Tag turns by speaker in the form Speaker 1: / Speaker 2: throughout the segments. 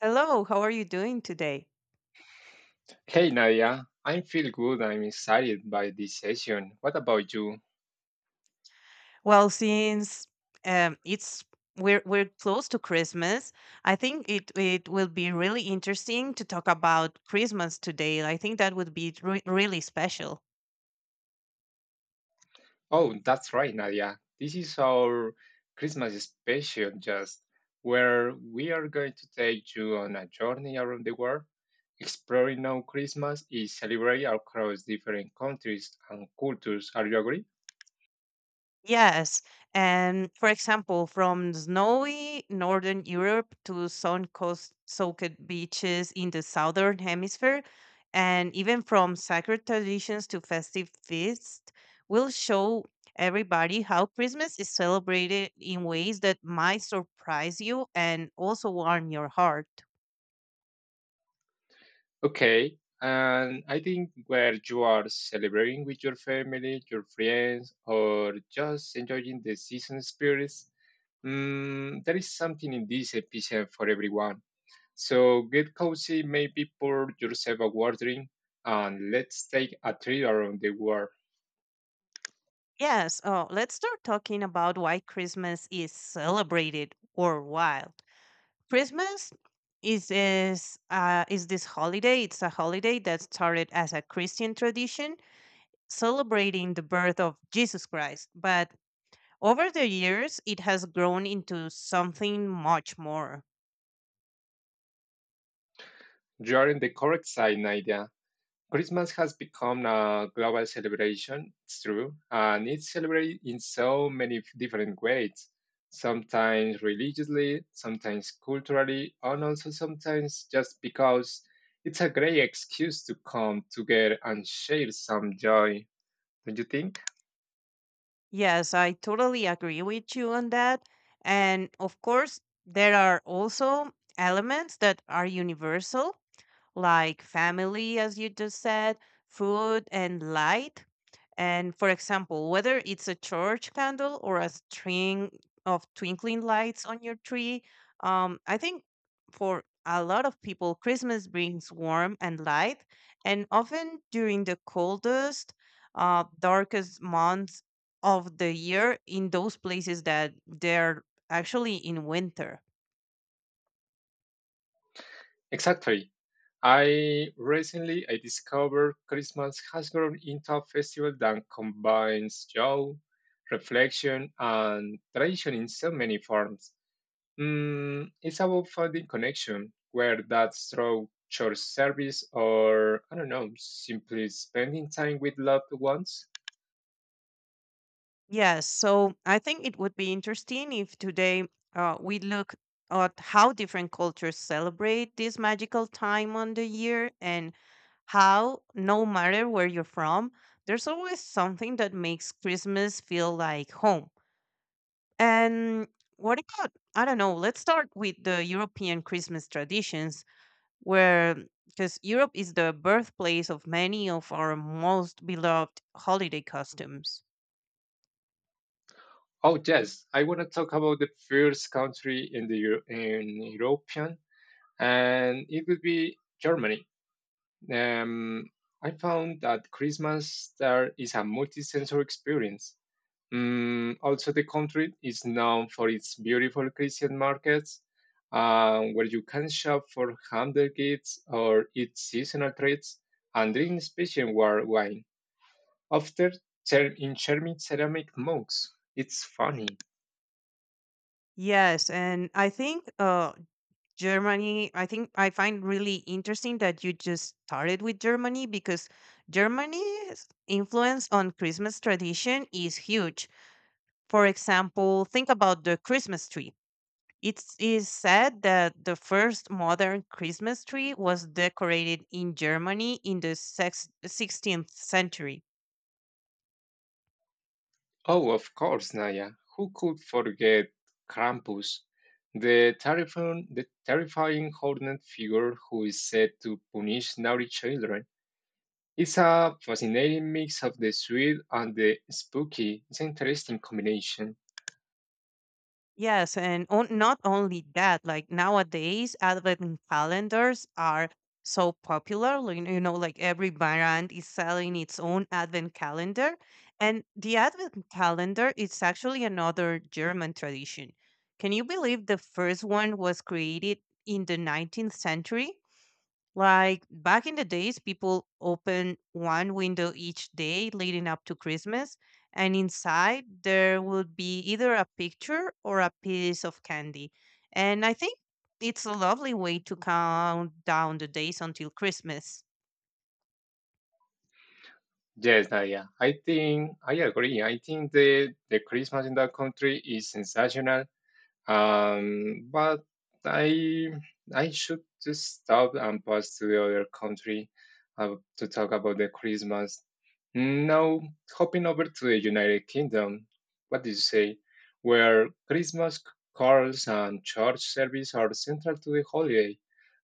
Speaker 1: Hello, how are you doing today?
Speaker 2: Hey Nadia, I feel good. I'm excited by this session. What about you?
Speaker 1: Well, since it's we're close to Christmas, I think it will be really interesting to talk about Christmas today. I think that would be really special.
Speaker 2: Oh, that's right, Nadia. This is our Christmas special, just where we are going to take you on a journey around the world, exploring how Christmas is celebrated across different countries and cultures. Are you agree?
Speaker 1: Yes. And for example, from snowy northern Europe to sun coast soaked beaches in the southern hemisphere, and even from sacred traditions to festive feasts, will show everybody how Christmas is celebrated in ways that might surprise you and also warm your heart.
Speaker 2: Okay. And I think where you are celebrating with your family, your friends, or just enjoying the season spirits, there is something in this episode for everyone. So get cozy, maybe pour yourself a water drink, and let's take a trip around the world.
Speaker 1: Yes, oh, let's start talking about why Christmas is celebrated worldwide. Christmas is this holiday. It's a holiday that started as a Christian tradition celebrating the birth of Jesus Christ, but over the years it has grown into something much more.
Speaker 2: You are in the correct side, Nadia. Christmas has become a global celebration, it's true, and it's celebrated in so many different ways, sometimes religiously, sometimes culturally, and also sometimes just because it's a great excuse to come together and share some joy, don't you think?
Speaker 1: Yes, I totally agree with you on that. And of course, there are also elements that are universal like family, as you just said, food, and light. And for example, whether it's a church candle or a string of twinkling lights on your tree, I think for a lot of people, Christmas brings warmth and light. And often during the coldest, darkest months of the year, in those places that they're actually in winter.
Speaker 2: Exactly. I discovered Christmas has grown into a festival that combines joy, reflection, and tradition in so many forms. It's about finding connection, where that's through church service or, I don't know, simply spending time with loved ones.
Speaker 1: Yes, so I think it would be interesting if today we look at how different cultures celebrate this magical time on the year and how, no matter where you're from, there's always something that makes Christmas feel like home. And what about, I don't know, let's start with the European Christmas traditions, where, because Europe is the birthplace of many of our most beloved holiday costumes.
Speaker 2: Oh, yes, I want to talk about the first country in European, and it would be Germany. Um, I found that Christmas there is a multi-sensory experience. Also, the country is known for its beautiful Christian markets, where you can shop for handmade goods or eat seasonal treats and drink special war wine, After, in charming ceramic mugs. It's funny.
Speaker 1: Yes, and I think Germany, I think I find really interesting that you just started with Germany because Germany's influence on Christmas tradition is huge. For example, think about the Christmas tree. It is said that the first modern Christmas tree was decorated in Germany in the 16th century.
Speaker 2: Oh, of course, Naya. Who could forget Krampus, the terrifying horned figure who is said to punish naughty children? It's a fascinating mix of the sweet and the spooky. It's an interesting combination.
Speaker 1: Yes, and on, not only that, like nowadays, advent calendars are so popular. You know, like every brand is selling its own advent calendar. And the advent calendar is actually another German tradition. Can you believe the first one was created in the 19th century? Like back in the days, people opened one window each day leading up to Christmas, and inside there would be either a picture or a piece of candy. And I think it's a lovely way to count down the days until Christmas.
Speaker 2: Yes, Nadia, I think I agree. I think the Christmas in that country is sensational. But I I should just stop and pass to the other country to talk about the Christmas. Now, hopping over to the United Kingdom, what do you say? Where Christmas carols and church service are central to the holiday,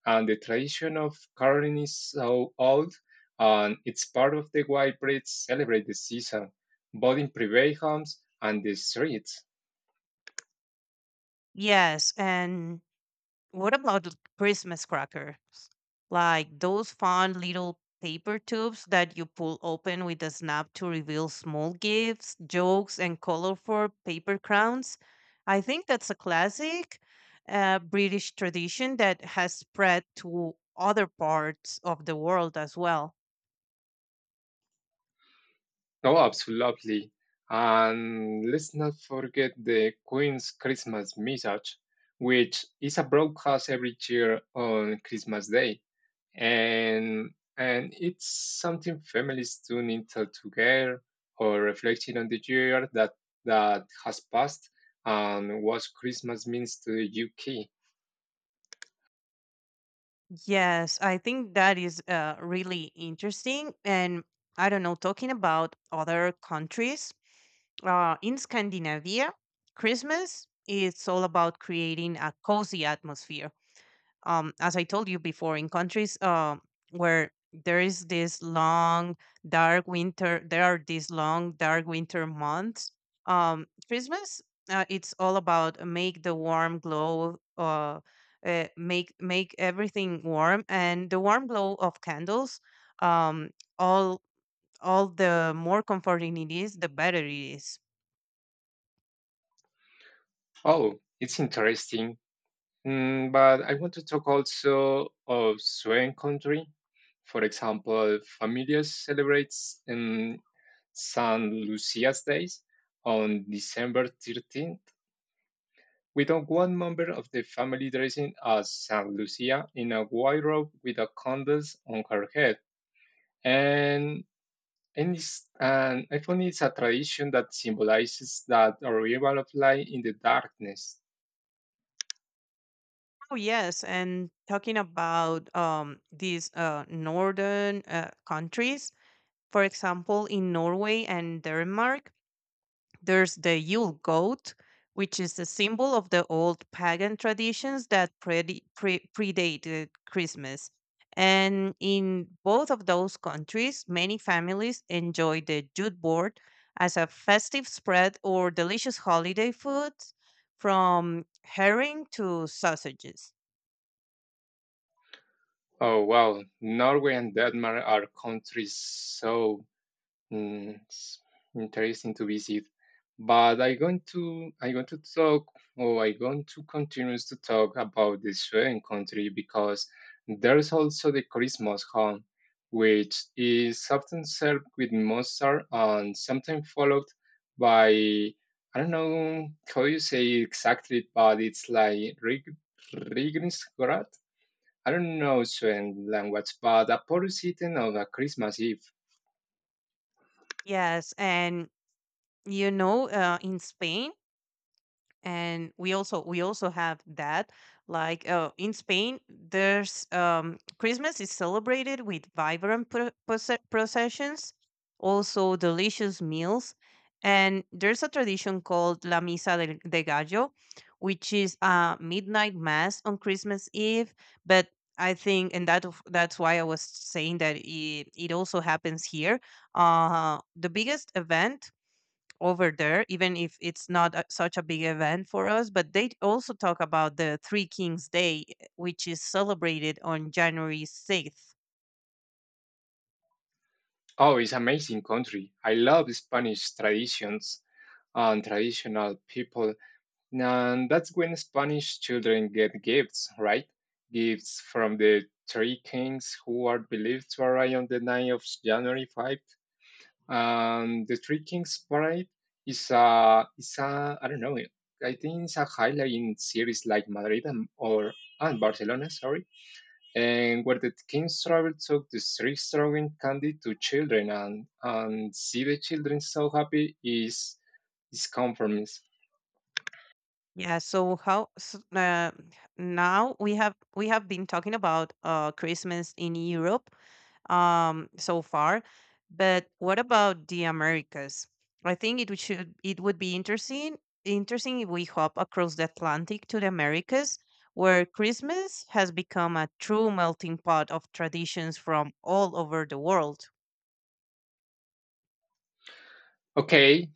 Speaker 2: and the tradition of caroling is so old, and it's part of the why Brits celebrate the season, both in private homes and the streets.
Speaker 1: Yes, and what about the Christmas cracker? Like those fun little paper tubes that you pull open with a snap to reveal small gifts, jokes, and colorful paper crowns. I think that's a classic British tradition that has spread to other parts of the world as well.
Speaker 2: Oh, absolutely. And let's not forget the Queen's Christmas Message, which is a broadcast every year on Christmas Day. And, and it's something families tune into together or reflecting on the year that has passed and what Christmas means to the UK.
Speaker 1: Yes, I think that is really interesting. And I don't know, talking about other countries, uh, in Scandinavia, Christmas is all about creating a cozy atmosphere. As I told you before, in countries where there is this long dark winter, there are these long dark winter months. Christmas, it's all about make the warm glow. Make everything warm and the warm glow of candles, um all the more comforting it is, the better it is.
Speaker 2: Oh, it's interesting. But I want to talk also of Swan country. For example, families celebrates in Saint Lucia's days on December 13th. We don't want member of the family dressing as Saint Lucia in a white robe with a candles on her head. And, and I find it's a tradition that symbolizes that arrival of light in the darkness.
Speaker 1: Oh yes, and talking about these northern countries, for example, in Norway and Denmark, there's the Yule goat, which is a symbol of the old pagan traditions that predated Christmas. And in both of those countries, many families enjoy the Jute board as a festive spread or delicious holiday foods, from herring to sausages.
Speaker 2: Oh wow, Norway and Denmark are countries so. It's interesting to visit. But I going to continue to talk about the Sweden country because there's also the Christmas home, which is often served with mustard and sometimes followed by I don't know how you say it exactly, but it's like rigrisgrat. I don't know Sweden language, but a porous eating on a Christmas Eve.
Speaker 1: Yes, and you know, in Spain, and we also have that. Like in Spain, there's Christmas is celebrated with vibrant processions, also delicious meals, and there's a tradition called La Misa del, de Gallo, which is a midnight mass on Christmas Eve. But I think, and that's why I was saying that it also happens here. The biggest event over there, even if it's not a, such a big event for us. But they also talk about the Three Kings Day, eh, which is celebrated on January 6th.
Speaker 2: Oh, it's amazing country. I love Spanish traditions and traditional people. And that's when Spanish children get gifts, right? Gifts from the three kings who are believed to arrive on the night of January 5th. And the three kings parade is a, I don't know, I think it's a highlight in cities like Madrid and Barcelona, sorry, and where the king's travel took distributing candy to children, and see the children so happy is comforting.
Speaker 1: Yeah, so how s now we have been talking about Christmas in Europe so far, but what about the Americas? I think it would be interesting if we hop across the Atlantic to the Americas, where Christmas has become a true melting pot of traditions from all over the world.
Speaker 2: Okay,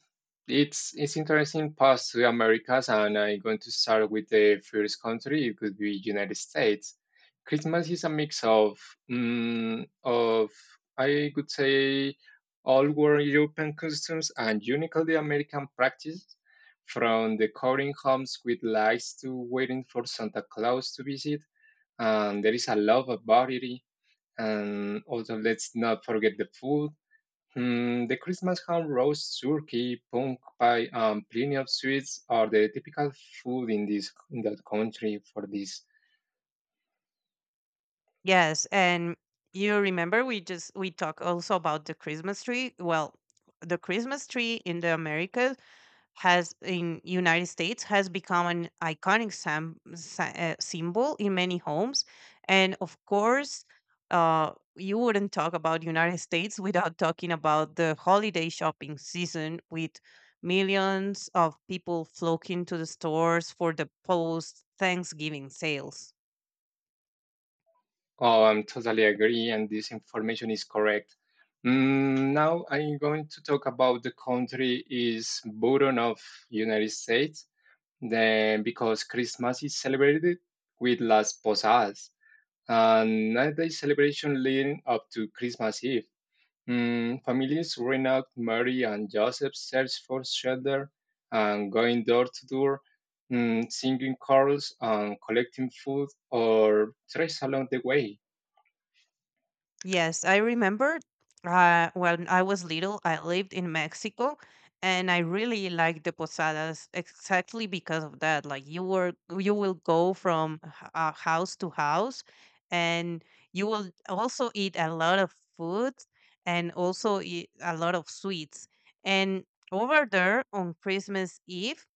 Speaker 2: it's interesting past to Americas, and I'm going to start with the first country. It could be United States. Christmas is a mix of mm, of I could say all were European customs and uniquely American practice, from decorating homes with lights to waiting for Santa Claus to visit. And there is a lot of variety. And also, let's not forget the food. The Christmas ham roast turkey, punk pie, and plenty of sweets are the typical food in that country for this.
Speaker 1: Yes, and you remember we talk also about the Christmas tree. Well, the Christmas tree in the Americas has in United States has become an iconic symbol in many homes, and of course, you wouldn't talk about United States without talking about the holiday shopping season with millions of people flocking to the stores for the post Thanksgiving sales.
Speaker 2: Oh, I'm totally agree, and this information is correct. Now I'm going to talk about the country is button of United States, then because Christmas is celebrated with Las Posadas, and 9-day celebration leading up to Christmas Eve. Families Reynald, Mary, and Joseph search for shelter and going door to door, singing carols and collecting food or trash along the way.
Speaker 1: Yes, I remember when I was little, I lived in Mexico and I really liked the posadas exactly because of that. Like you were, you will go from house to house and you will also eat a lot of food and also eat a lot of sweets. And over there on Christmas Eve,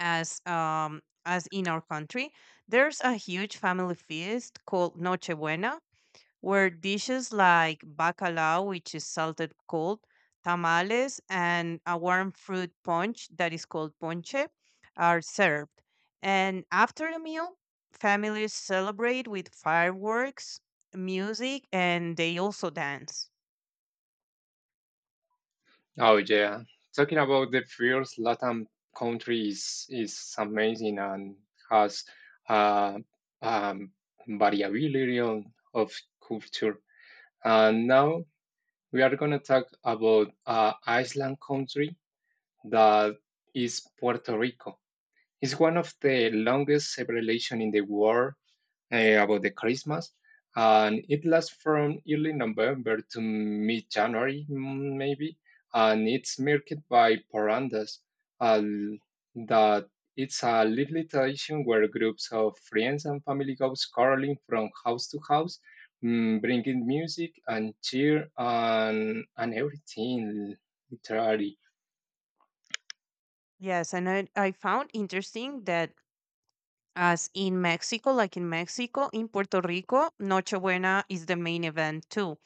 Speaker 1: as in our country, there's a huge family feast called Nochebuena where dishes like bacalao, which is salted cold, tamales, and a warm fruit punch that is called ponche are served. And after the meal, families celebrate with fireworks, music, and they also dance.
Speaker 2: Oh yeah, talking about the first Latin country is amazing and has uh, um, variability of culture. And now we are gonna talk about Iceland country, that is Puerto Rico. It's one of the longest celebration in the world about the Christmas, and it lasts from early November to mid January, maybe. And it's marked by parandas, uh, that it's a lively tradition where groups of friends and family goes caroling from house to house, bringing music and cheer and everything literally.
Speaker 1: Yes, and I found interesting that as in Mexico, like in Mexico, in Puerto Rico, Nochebuena is the main event too.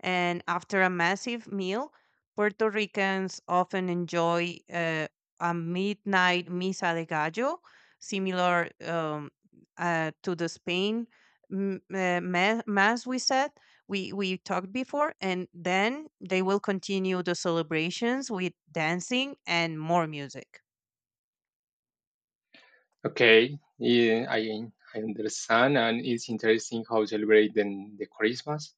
Speaker 1: And after a massive meal, Puerto Ricans often enjoy a midnight misa de gallo, similar to the Spain mass we said we talked before, and then they will continue the celebrations with dancing and more music.
Speaker 2: Okay, yeah, I understand, and it's interesting how celebrate the Christmas.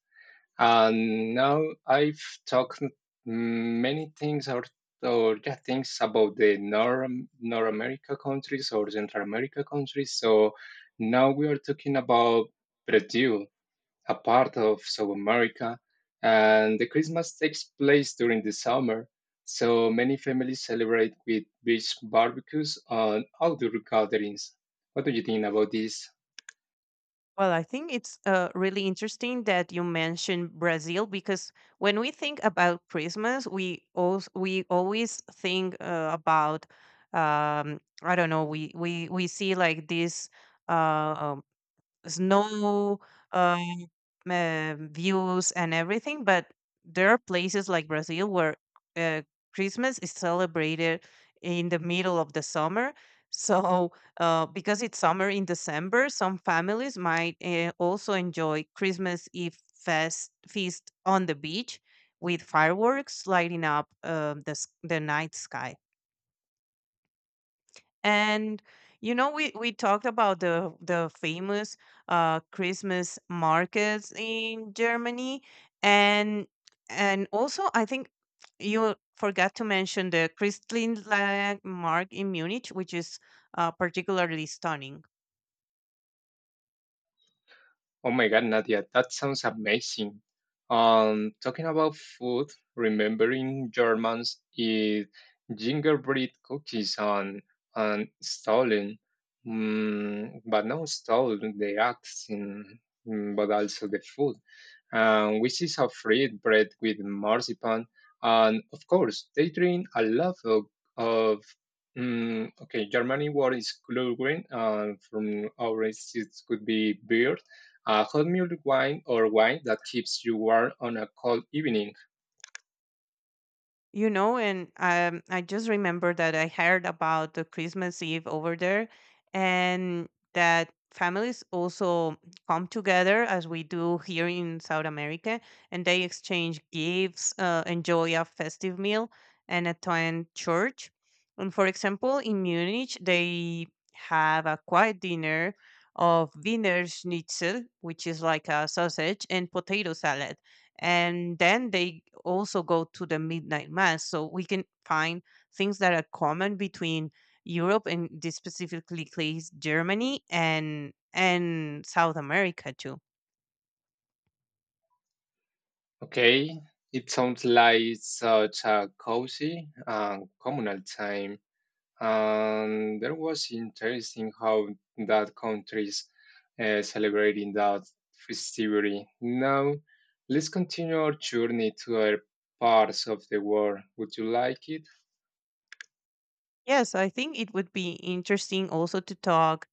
Speaker 2: And now I've talked many things or yeah, things about the North America countries or Central America countries. So now we are talking about Brazil a part of South America, and the Christmas takes place during the summer. So many families celebrate with beach barbecues and outdoor gatherings. What do you think about this?
Speaker 1: Well, I think it's really interesting that you mentioned Brazil because when we think about Christmas, we always think about I don't know we see like this. Uh, snow um, uh, views and everything. But there are places like Brazil where uh, Christmas is celebrated in the middle of the summer. So, because it's summer in December, some families might also enjoy Christmas Eve fest feast on the beach with fireworks lighting up the night sky. And you know, we talked about the famous Christmas markets in Germany, and also I think you forgot to mention the Christkindlmarkt in Munich, which is particularly stunning.
Speaker 2: Oh my God, Nadia, that sounds amazing. Talking about food, remembering Germans eat gingerbread cookies on Stalin, but not Stalin, the acts in, but also the food. Which is a fried bread with marzipan, and of course they drink a lot of okay, Germany, what is Glühwein, and from our it could be beer, a hot mulled wine or wine that keeps you warm on a cold evening.
Speaker 1: You know, and I just remember that I heard about the Christmas Eve over there, and that families also come together as we do here in South America, and they exchange gifts, enjoy a festive meal, and attend church. And for example, in Munich, they have a quiet dinner of Wiener Schnitzel, which is like a sausage and potato salad, and then they also go to the midnight mass, so we can find things that are common between Europe and this specifically case Germany and South America too.
Speaker 2: Okay, it sounds like such a cozy and communal time. And there was interesting how that countries celebrating that festivity. Now, let's continue our journey to other parts of the world. Would you like it?
Speaker 1: Yes, I think it would be interesting also to talk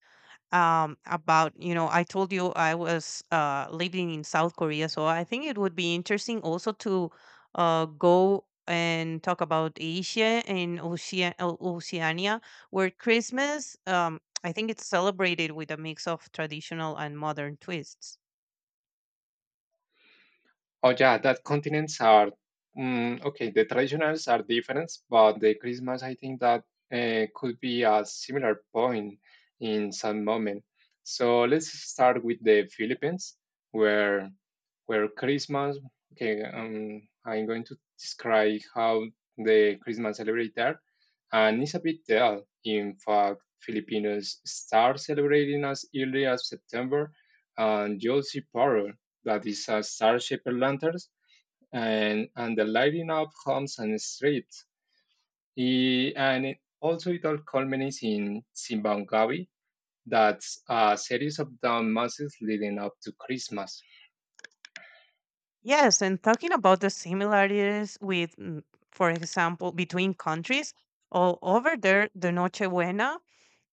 Speaker 1: about, you know, I told you I was living in South Korea, so I think it would be interesting also to go and talk about Asia and Oceania, where Christmas, I think, it's celebrated with a mix of traditional and modern twists.
Speaker 2: Oh yeah, that continents are okay. The traditionals are different, but the Christmas I think that could be a similar point in some moment. So let's start with the Philippines, where where Christmas. Okay, I'm going to describe how the Christmas celebrate there, and it's a big deal. In fact, Filipinos start celebrating as early as September, and you'll see power that is a star-shaped lanterns and the lighting up homes and streets. And it, also it all culminates in Simbangabi, that's a series of down masses leading up to Christmas.
Speaker 1: Yes, and talking about the similarities with for example between countries over there, the noche buena,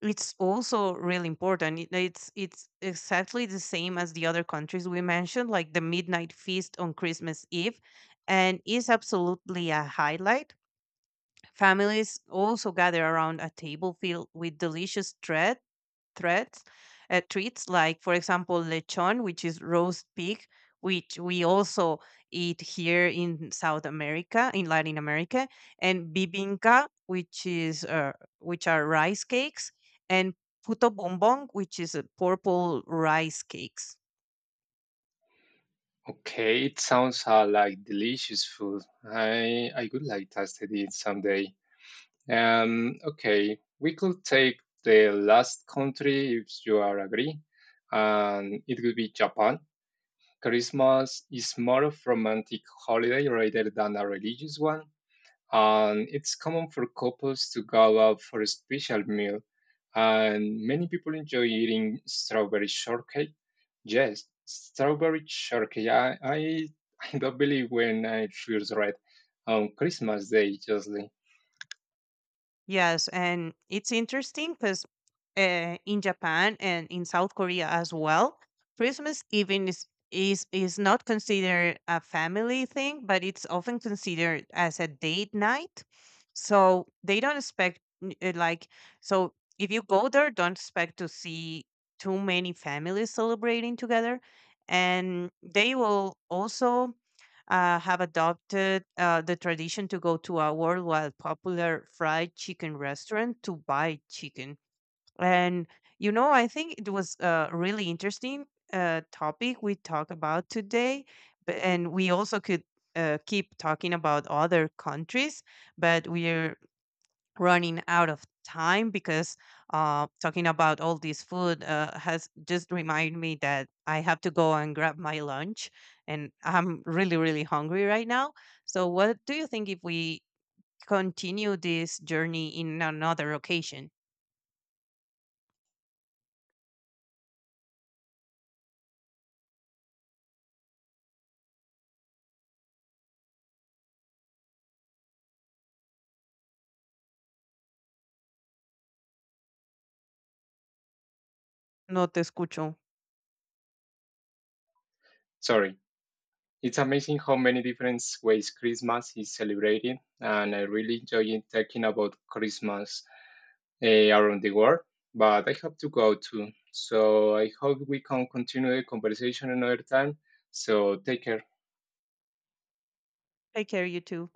Speaker 1: it's also really important. It's exactly the same as the other countries we mentioned, like the midnight feast on Christmas Eve, and is absolutely a highlight. Families also gather around a table filled with delicious threats, treats, like, for example, lechon, which is roast pig, which we also eat here in South America, in Latin America, and bibinca, which is which are rice cakes, and puto bombong, which is purple rice cakes.
Speaker 2: Okay, it sounds like delicious food. I would like to taste it someday. Okay, we could take the last country if you are agree, and it would be Japan. Christmas is more of romantic holiday rather than a religious one, and it's common for couples to go out for a special meal, and many people enjoy eating strawberry shortcake. Yes, strawberry shortcake. I, I don't believe when I first read on Christmas Day, Jocelyn.
Speaker 1: Yes, and it's interesting because in Japan and in South Korea as well, Christmas even is not considered a family thing, but it's often considered as a date night. So they don't expect so if you go there, don't expect to see too many families celebrating together, and they will also have adopted the tradition to go to a worldwide popular fried chicken restaurant to buy chicken. And, you know, I think it was a really interesting topic we talked about today. And we also could keep talking about other countries, but we're running out of time because talking about all this food has just reminded me that I have to go and grab my lunch, and I'm really, really hungry right now. So, what do you think if we continue this journey in another occasion? No te escucho.
Speaker 2: Sorry. It's amazing how many different ways Christmas is celebrated, and I really enjoy talking about Christmas around the world, but I have to go too. So I hope we can continue the conversation another time. So take care.
Speaker 1: Take care, you too.